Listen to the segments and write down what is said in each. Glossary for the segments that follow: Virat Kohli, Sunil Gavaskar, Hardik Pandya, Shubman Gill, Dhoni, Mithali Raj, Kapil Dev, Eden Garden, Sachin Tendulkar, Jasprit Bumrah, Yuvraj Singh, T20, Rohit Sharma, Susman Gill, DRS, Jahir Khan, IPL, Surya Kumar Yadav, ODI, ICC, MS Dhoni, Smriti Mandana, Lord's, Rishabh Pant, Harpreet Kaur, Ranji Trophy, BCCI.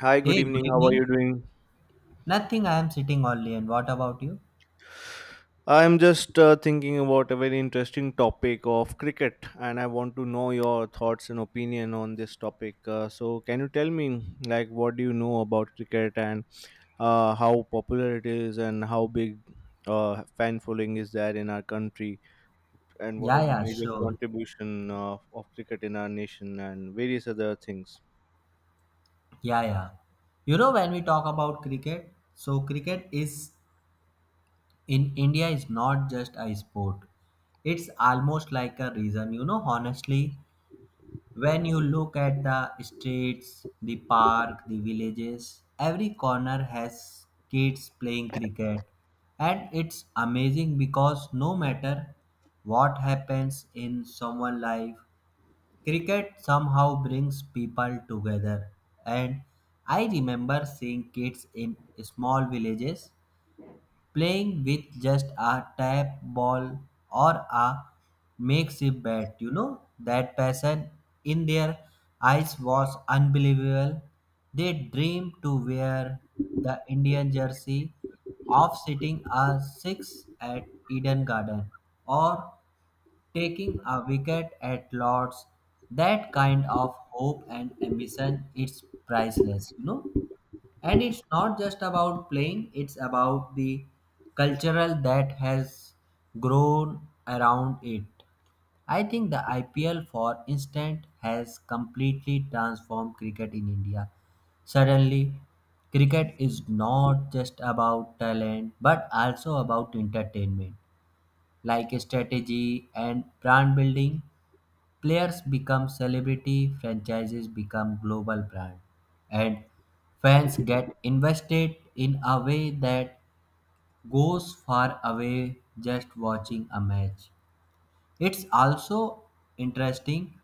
Hi, good Hey, good evening. How are evening. you doing? Nothing, I am sitting only. And what about you? I'm just thinking about a very interesting topic of cricket, and I want to know your thoughts and opinion on this topic. So, can you tell me, like, what do you know about cricket and how popular it is, and how big fan following is there in our country, and what Yeah, are the yeah, major sure. contribution of cricket in our nation, and various other things? Yeah, yeah. You know, when we talk about cricket, so cricket is in India is not just a sport. It's almost like a reason. You know, honestly, when you look at the streets, the park, the villages, every corner has kids playing cricket. And it's amazing because no matter what happens in someone's life, cricket somehow brings people together, and I remember seeing kids in small villages playing with just a tap ball or a makeshift bat. You know, that passion in their eyes was unbelievable. They dreamed to wear the Indian jersey of sitting a six at Eden Garden or taking a wicket at Lord's. That kind of hope and ambition is priceless, you know and it's not just about playing. It's about the cultural that has grown around it. I think the IPL, for instance, has completely transformed cricket in India. Suddenly cricket is not just about talent but also about entertainment, like strategy and brand building. Players become celebrity, franchises become global brand, and fans get invested in a way that goes far away just watching a match. It's also interesting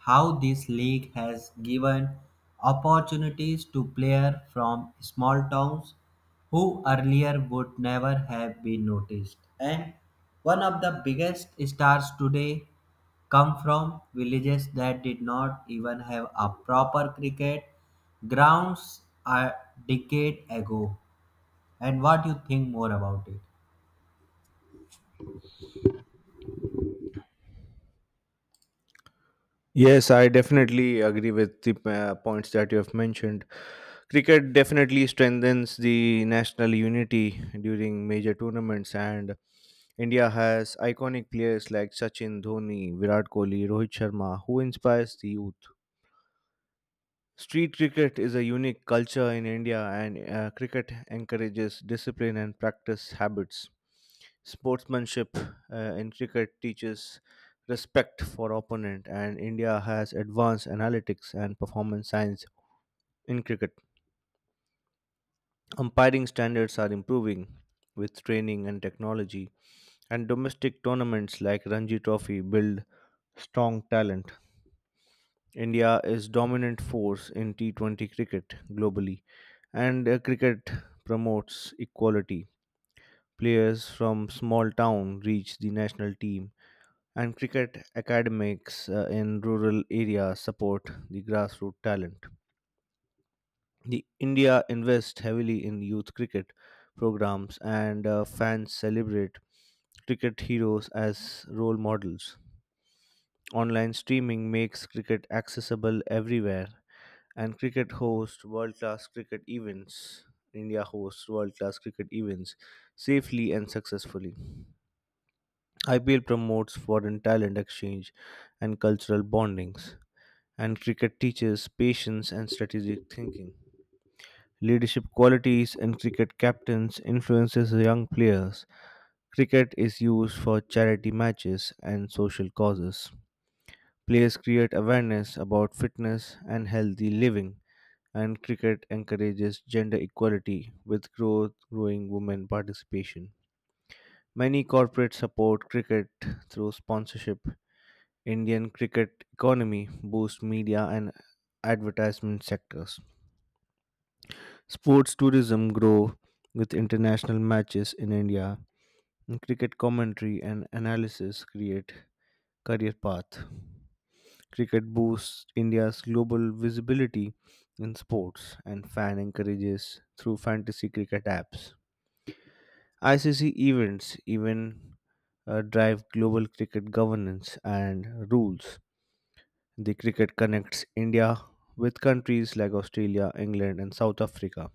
how this league has given opportunities to players from small towns who earlier would never have been noticed. And one of the biggest stars today come from villages that did not even have a proper cricket grounds a decade ago. And what you think more about it? Yes, I definitely agree with the points that you have mentioned. Cricket definitely strengthens the national unity during major tournaments, and India has iconic players like Sachin, Dhoni, Virat Kohli, Rohit Sharma, who inspires the youth. Street cricket is a unique culture in India, and cricket encourages discipline and practice habits. Sportsmanship uh, in cricket teaches respect for opponent, and India has advanced analytics and performance science in cricket. Umpiring standards are improving with training and technology, and domestic tournaments like Ranji Trophy build strong talent. India is dominant force in T20 cricket globally, and cricket promotes equality. Players from small town reach the national team, and cricket academics in rural areas support the grassroots talent. The India invests heavily in youth cricket programs, and fans celebrate cricket heroes as role models. Online streaming makes cricket accessible everywhere, and cricket hosts world class cricket events. India hosts world class cricket events safely and successfully. IPL promotes foreign talent exchange and cultural bondings, and cricket teaches patience and strategic thinking. Leadership qualities in cricket captains influences young players. Cricket is used for charity matches and social causes. Players create awareness about fitness and healthy living, and cricket encourages gender equality with growth growing women participation. Many corporates support cricket through sponsorship. Indian cricket economy boosts media and advertisement sectors. Sports tourism grow with international matches in India. And cricket commentary and analysis create career path. Cricket boosts India's global visibility in sports and fan encourages through fantasy cricket apps. ICC events even drive global cricket governance and rules. The cricket connects India with countries like Australia, England, and South Africa.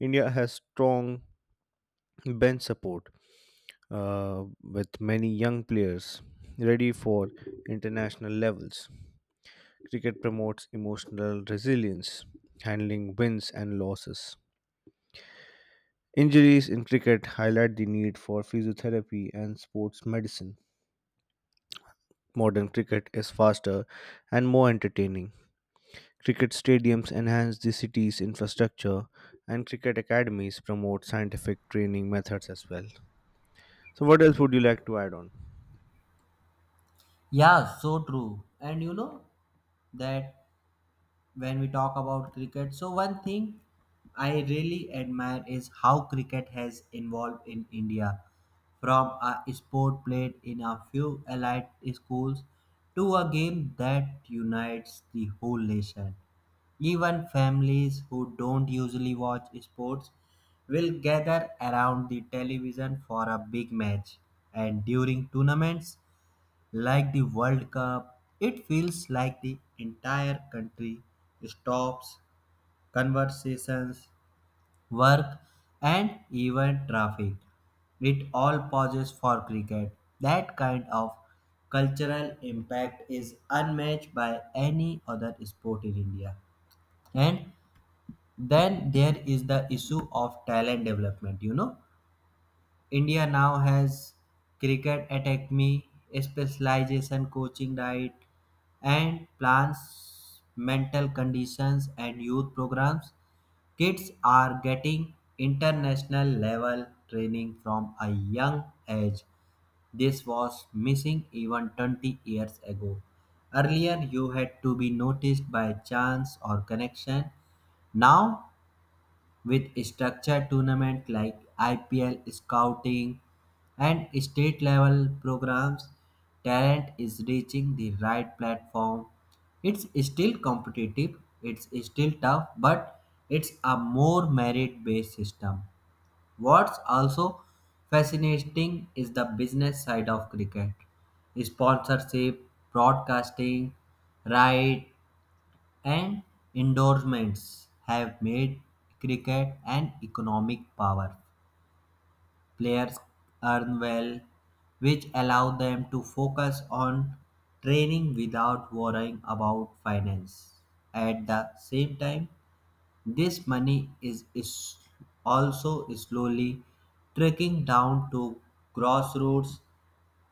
India has strong bench support with many young players ready for international levels. Cricket promotes emotional resilience, handling wins and losses. Injuries in cricket highlight the need for physiotherapy and sports medicine. Modern cricket is faster and more entertaining. Cricket stadiums enhance the city's infrastructure, and cricket academies promote scientific training methods as well. So, what else would you like to add on? Yeah, so true. And you know that when we talk about cricket, so one thing I really admire is how cricket has evolved in India from a sport played in a few elite schools to a game that unites the whole nation. Even families who don't usually watch sports will gather around the television for a big match. And during tournaments, like the World Cup, it feels like the entire country stops, conversations, work, and even traffic. It all pauses for cricket. That kind of cultural impact is unmatched by any other sport in India. And then there is the issue of talent development. You know India now has cricket academy, specialization coaching diet, and plans mental conditions and youth programs. Kids are getting international level training from a young age. This was missing even 20 years ago. Earlier, you had to be noticed by chance or connection. Now, with structured tournament like IPL scouting and state level programs, talent is reaching the right platform. It's still competitive, it's still tough, but it's a more merit based system. What's also fascinating is the business side of cricket, sponsorship, broadcasting right, and endorsements have made cricket an economic power. Players earn well, which allow them to focus on training without worrying about finance. At the same time, this money is also slowly trickling down to grassroots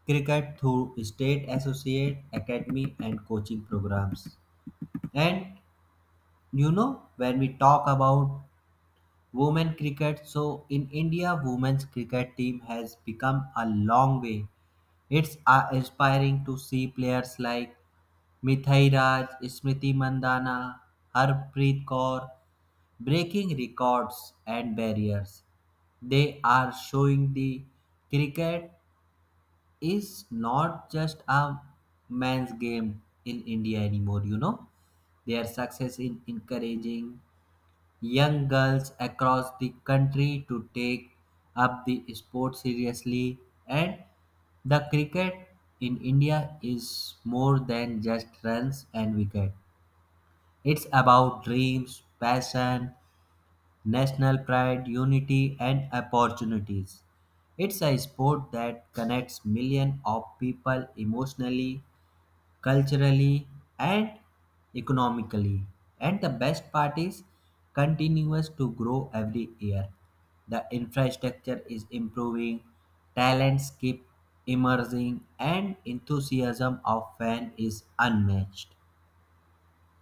cricket through state associate academy and coaching programs. And you know when we talk about women cricket, so in India women's cricket team has become a long way. It's inspiring to see players like Mithai Raj, Smriti Mandana, Harpreet Kaur breaking records and barriers. They are showing the cricket is not just a man's game in India anymore. You know their success in encouraging young girls across the country to take up the sport seriously. And the cricket in India is more than just runs and wicket. It's about dreams, passion, national pride, unity and opportunities. It's a sport that connects millions of people emotionally, culturally, and economically. And the best part is continues to grow every year. The infrastructure is improving, talents keep emerging, and enthusiasm of fan is unmatched.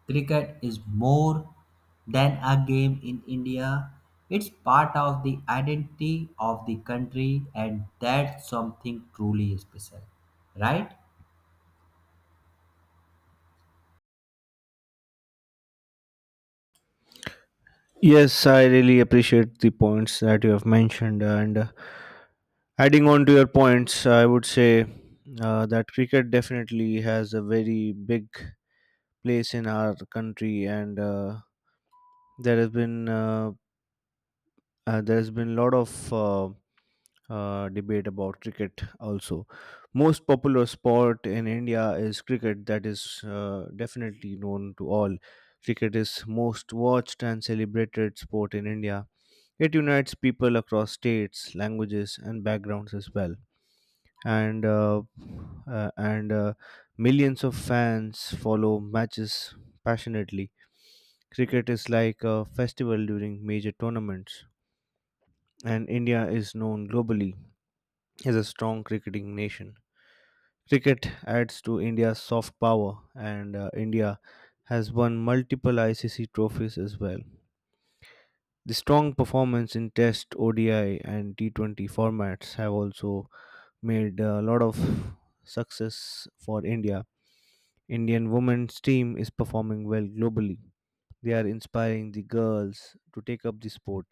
Cricket is more than a game in India. It's part of the identity of the country, and that's something truly special, right? Yes, I really appreciate the points that you have mentioned. And adding on to your points, I would say that cricket definitely has a very big place in our country, and there has been uh, there has been a lot of debate about cricket. Also, most popular sport in India is cricket. That is definitely known to all. Cricket is most watched and celebrated sport in India. It unites people across states, languages, and backgrounds as well. And uh, and Millions of fans follow matches passionately. Cricket is like a festival during major tournaments, and India is known globally as a strong cricketing nation. Cricket adds to India's soft power, and India has won multiple ICC trophies as well. The strong performance in Test, ODI, and T20 formats have also made a lot of success for India. Indian women's team is performing well globally. They are inspiring the girls to take up the sport.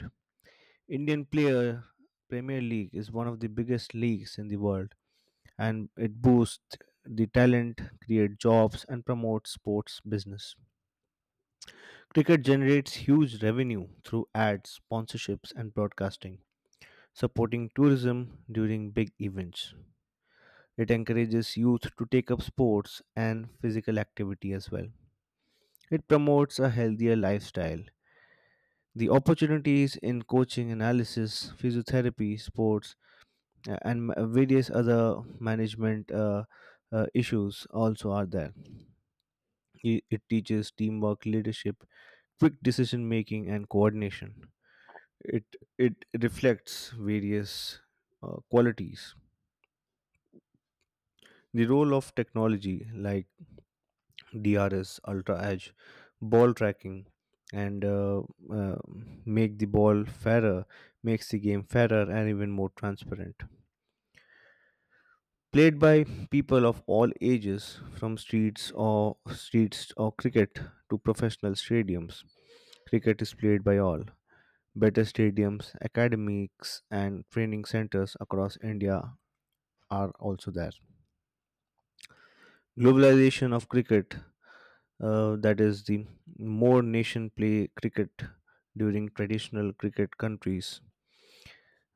Indian player Premier League is one of the biggest leagues in the world, and it boosts the talent, create jobs and promotes sports business. Cricket generates huge revenue through ads, sponsorships and broadcasting, supporting tourism during big events. It encourages youth to take up sports and physical activity as well. It promotes a healthier lifestyle. The opportunities in coaching, analysis, physiotherapy, sports, and various other management issues also are there. It teaches teamwork, leadership, quick decision making, and coordination. It it reflects various qualities. The role of technology, like DRS, ultra edge, ball tracking, and uh, make the ball fairer, makes the game fairer and even more transparent. Played by people of all ages, from streets or cricket to professional stadiums. Cricket is played by all. Better stadiums, academics, and training centers across India are also there. Globalization of cricket, that is the more nation play cricket during traditional cricket countries,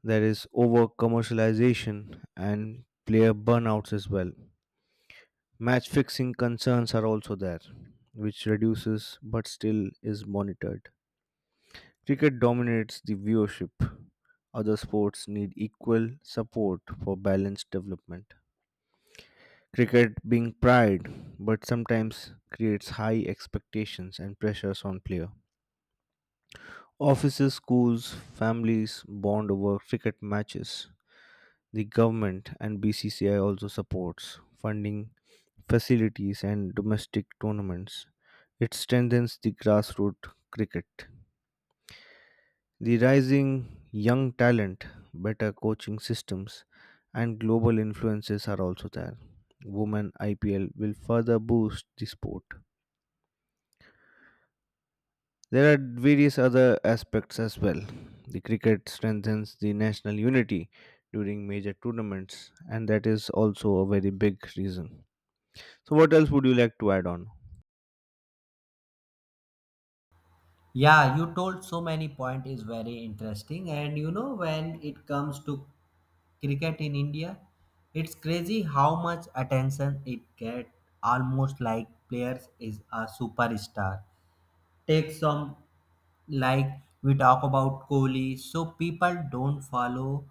there is over commercialization and player burnouts as well. Match fixing concerns are also there, which reduces but still is monitored. Cricket dominates the viewership. Other sports need equal support for balanced development. Cricket being pride, but sometimes creates high expectations and pressures on player. Offices, schools, families bond over cricket matches. The government and BCCI also supports funding facilities and domestic tournaments. It strengthens the grassroots cricket. The rising young talent, better coaching systems, and global influences are also there. Women IPL will further boost the sport. There are various other aspects as well. The cricket strengthens the national unity during major tournaments, and that is also a very big reason. So, what else would you like to add on? Yeah, you told so many point is very interesting. And you know when it comes to cricket in India, it's crazy how much attention it get, almost like players is a superstar. Take some, like we talk about Kohli, so people don't follow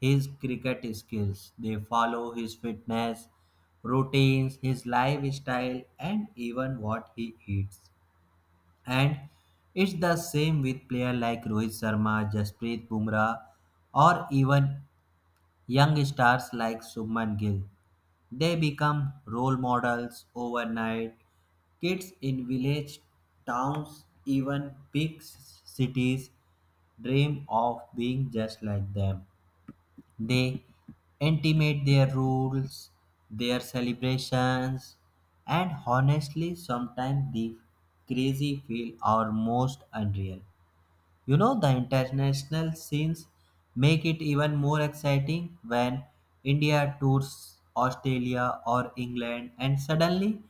his cricket skills, they follow his fitness routines, his lifestyle and even what he eats. And it's the same with players like Rohit Sharma, Jasprit Bumrah, or even young stars like Subman Gill. They become role models overnight. Kids in village towns, even big cities, dream of being just like them. They intimate their rules, their celebrations, and honestly, sometimes the crazy feel are most unreal. You know, the international scenes make it even more exciting when India tours Australia or England, and suddenly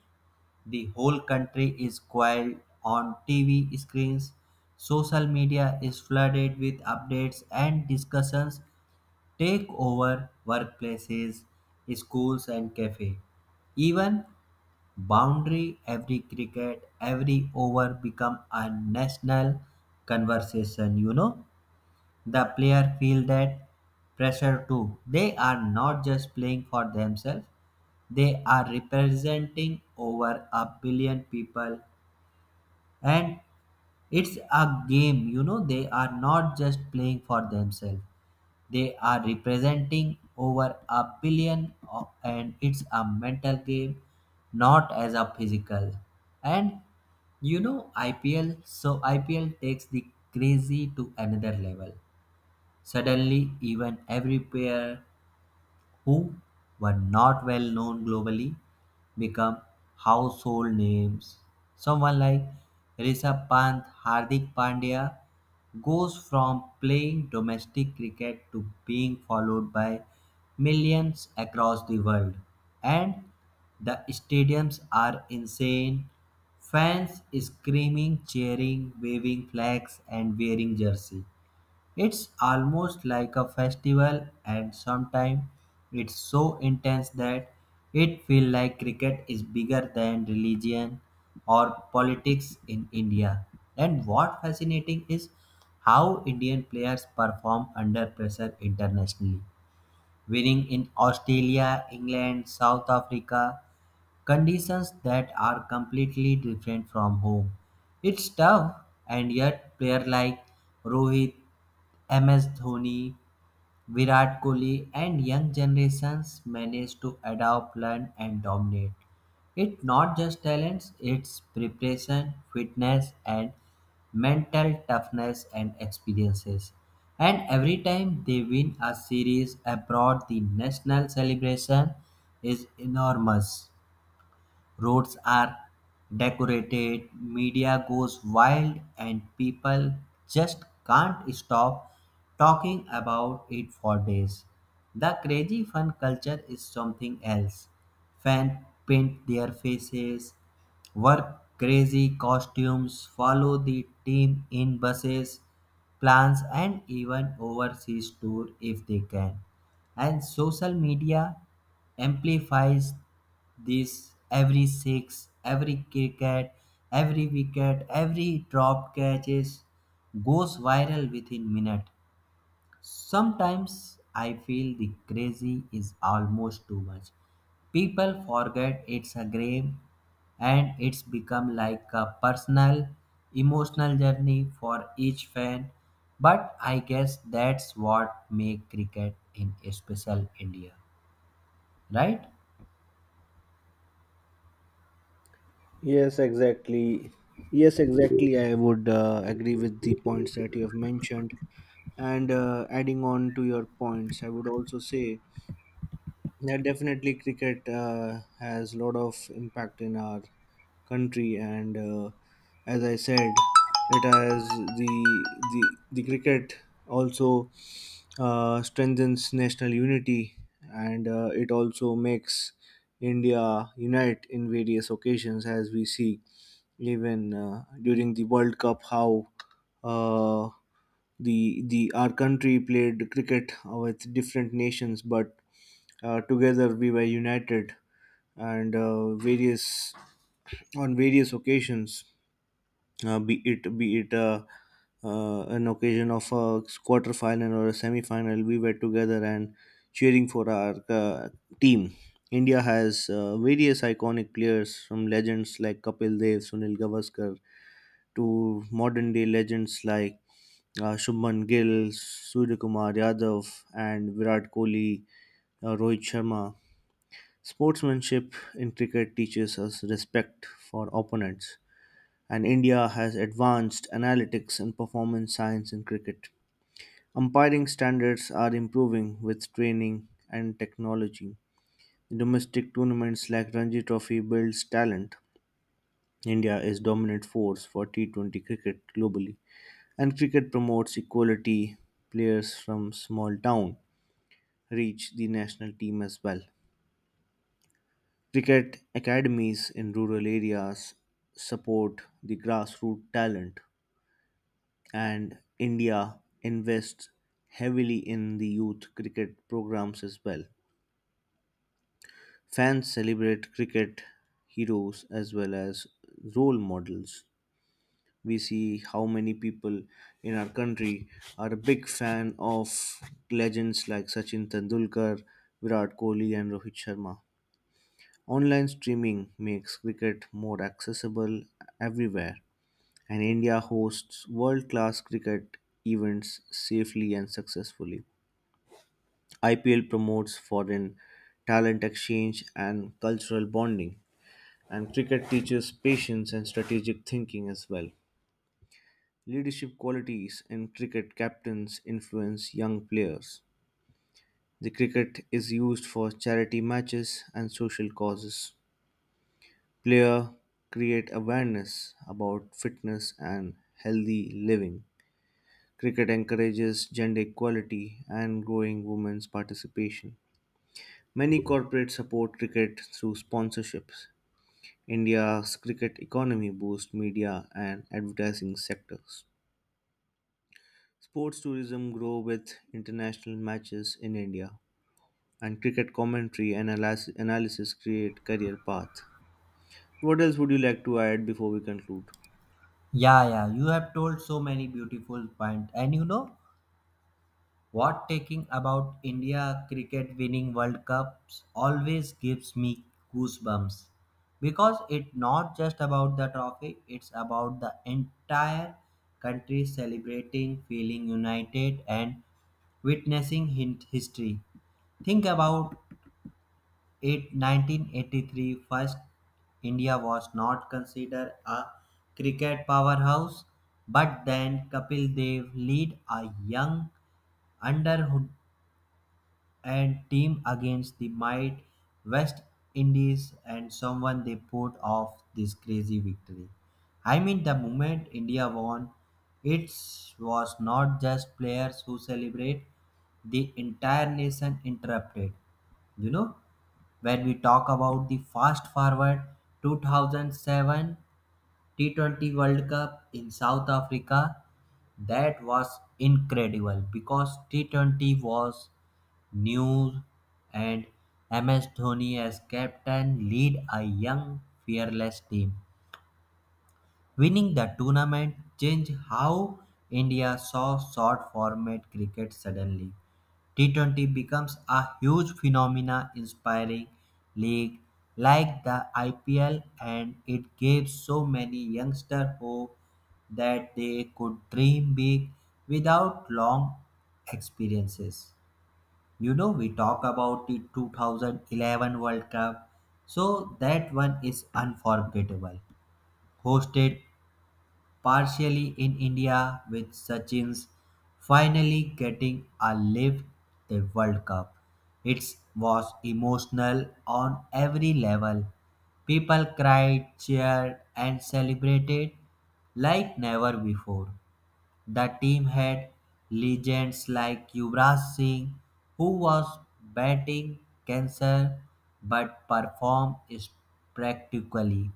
the whole country is quiet on TV screens. Social media is flooded with updates and discussions take over workplaces, schools, and cafe. Even boundary, every cricket, every over become a national conversation. You know, the player feel that pressure too. They are not just playing for themselves; they are representing over a billion people, and it's a game. You know they are not just playing for themselves, they are representing over a billion o- and it's a mental game not as a physical. And you know IPL, so IPL takes the crazy to another level. Suddenly even every player who were not well known globally become household names. Someone like Rishabh Pant, Hardik Pandya goes from playing domestic cricket to being followed by millions across the world. And the stadiums are insane. Fans screaming, cheering, waving flags, and wearing jersey. It's almost like a festival, and sometimes it's so intense that it feels like cricket is bigger than religion or politics in India. And what fascinating is how Indian players perform under pressure internationally, winning in Australia, England, South Africa, conditions that are completely different from home. It's tough, and yet players like Rohit, MS Dhoni, Virat Kohli and young generations manage to adapt, learn, and dominate. It's not just talents, it's preparation, fitness, and mental toughness and experiences. And every time they win a series abroad, the national celebration is enormous. Roads are decorated, media goes wild, and people just can't stop talking about it for days. The crazy fun culture is something else. Fans paint their faces, wear crazy costumes, follow the team in buses, plans, and even overseas tour if they can. And social media amplifies this. Every six, every cricket, every wicket, every drop catches goes viral within minute. Sometimes I feel the crazy is almost too much. People forget it's a game and it's become like a personal emotional journey for each fan, but I guess that's what makes cricket in special India, right? Yes, exactly. Yes, exactly. I would agree with the points that you have mentioned. And adding on to your points, I would also say, yeah, definitely, cricket has a lot of impact in our country, and as I said, it has the cricket also strengthens national unity, and it also makes India unite in various occasions, as we see even during the World Cup, how uh, the our country played cricket with different nations, but together we were united and various on various occasions, be it an occasion of a quarter final or a semi final, we were together and cheering for our team. India has various iconic players from legends like Kapil Dev, Sunil Gavaskar, to modern day legends like Shubman Gill, Surya Kumar Yadav, and Virat Kohli, Rohit Sharma. Sportsmanship in cricket teaches us respect for opponents, and India has advanced analytics and performance science in cricket. Umpiring standards are improving with training and technology. Domestic tournaments like Ranji Trophy builds talent. India is dominant force for T20 cricket globally, and cricket promotes equality. Players from small town reach the national team as well. Cricket academies in rural areas support the grassroots talent, and India invests heavily in the youth cricket programs as well. Fans celebrate cricket heroes as well as role models. We see how many people in our country are a big fan of legends like Sachin Tendulkar, Virat Kohli, and Rohit Sharma. Online streaming makes cricket more accessible everywhere, and India hosts world class cricket events safely and successfully. IPL promotes foreign talent exchange and cultural bonding, and cricket teaches patience and strategic thinking as well. Leadership qualities in cricket captains influence young players. The cricket is used for charity matches and social causes. Player create awareness about fitness and healthy living. Cricket encourages gender equality and growing women's participation. Many corporates support cricket through sponsorships. India's cricket economy boosts media and advertising sectors. Sports tourism grow with international matches in India, and cricket commentary and analysis create career path. What else would you like to add before we conclude? Yeah, yeah, you have told so many beautiful points. And you know what, taking about India cricket winning World Cups always gives me goosebumps because it's not just about the trophy, it's about the entire country celebrating, feeling united and witnessing hint history. Think about in 1983, first India was not considered a cricket powerhouse, but then Kapil Dev led a young and team against the might West Indies and someone they put off this crazy victory. I mean the moment India won, it was not just players who celebrate, the entire nation interrupted. You know, when we talk about the fast forward 2007 T20 World Cup in South Africa. That was incredible because T20 was new and MS Dhoni as captain lead a young fearless team. Winning the tournament changed how India saw short format cricket suddenly. T20 becomes a huge phenomena inspiring league like the IPL and it gave so many youngsters hope that they could dream big without long experiences. You know, we talk about the 2011 World Cup, so that one is unforgettable. Hosted partially in India with Sachin's finally getting a live the World Cup. It was emotional on every level. People cried, cheered and celebrated like never before. The team had legends like Yuvraj Singh, who was batting cancer but performed spectacularly.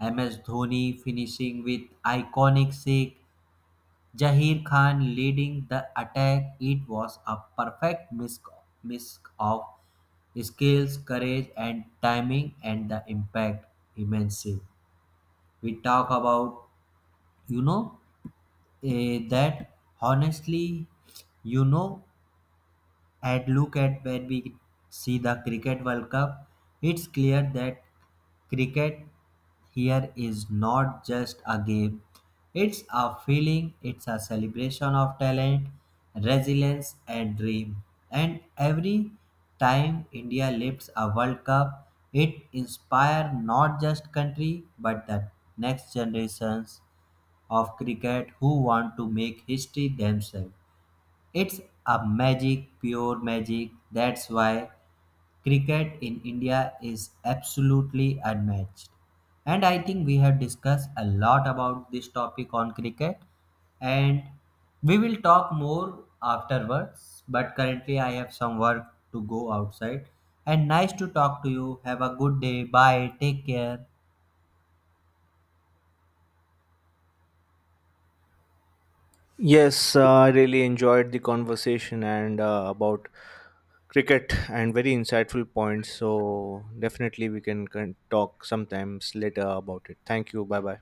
MS Dhoni finishing with iconic six, Jahir Khan leading the attack. It was a perfect mix of skills, courage, and timing, and the impact immense. We talk about, you know that honestly, you know at look at when we see the cricket world cup, it's clear that cricket here is not just a game. It's a feeling, it's a celebration of talent, resilience and dream. And every time India lifts a world cup, it inspires not just country but the next generations of cricket who want to make history themselves. It's a magic, pure magic. That's why cricket in India is absolutely unmatched. And I think we have discussed a lot about this topic on cricket, and we will talk more afterwards. But currently, I have some work to go outside. And nice to talk to you. Have a good day. Bye. Take care. Yes, I really enjoyed the conversation and about cricket and very insightful points. So definitely we can talk sometimes later about it. Thank you. Bye bye.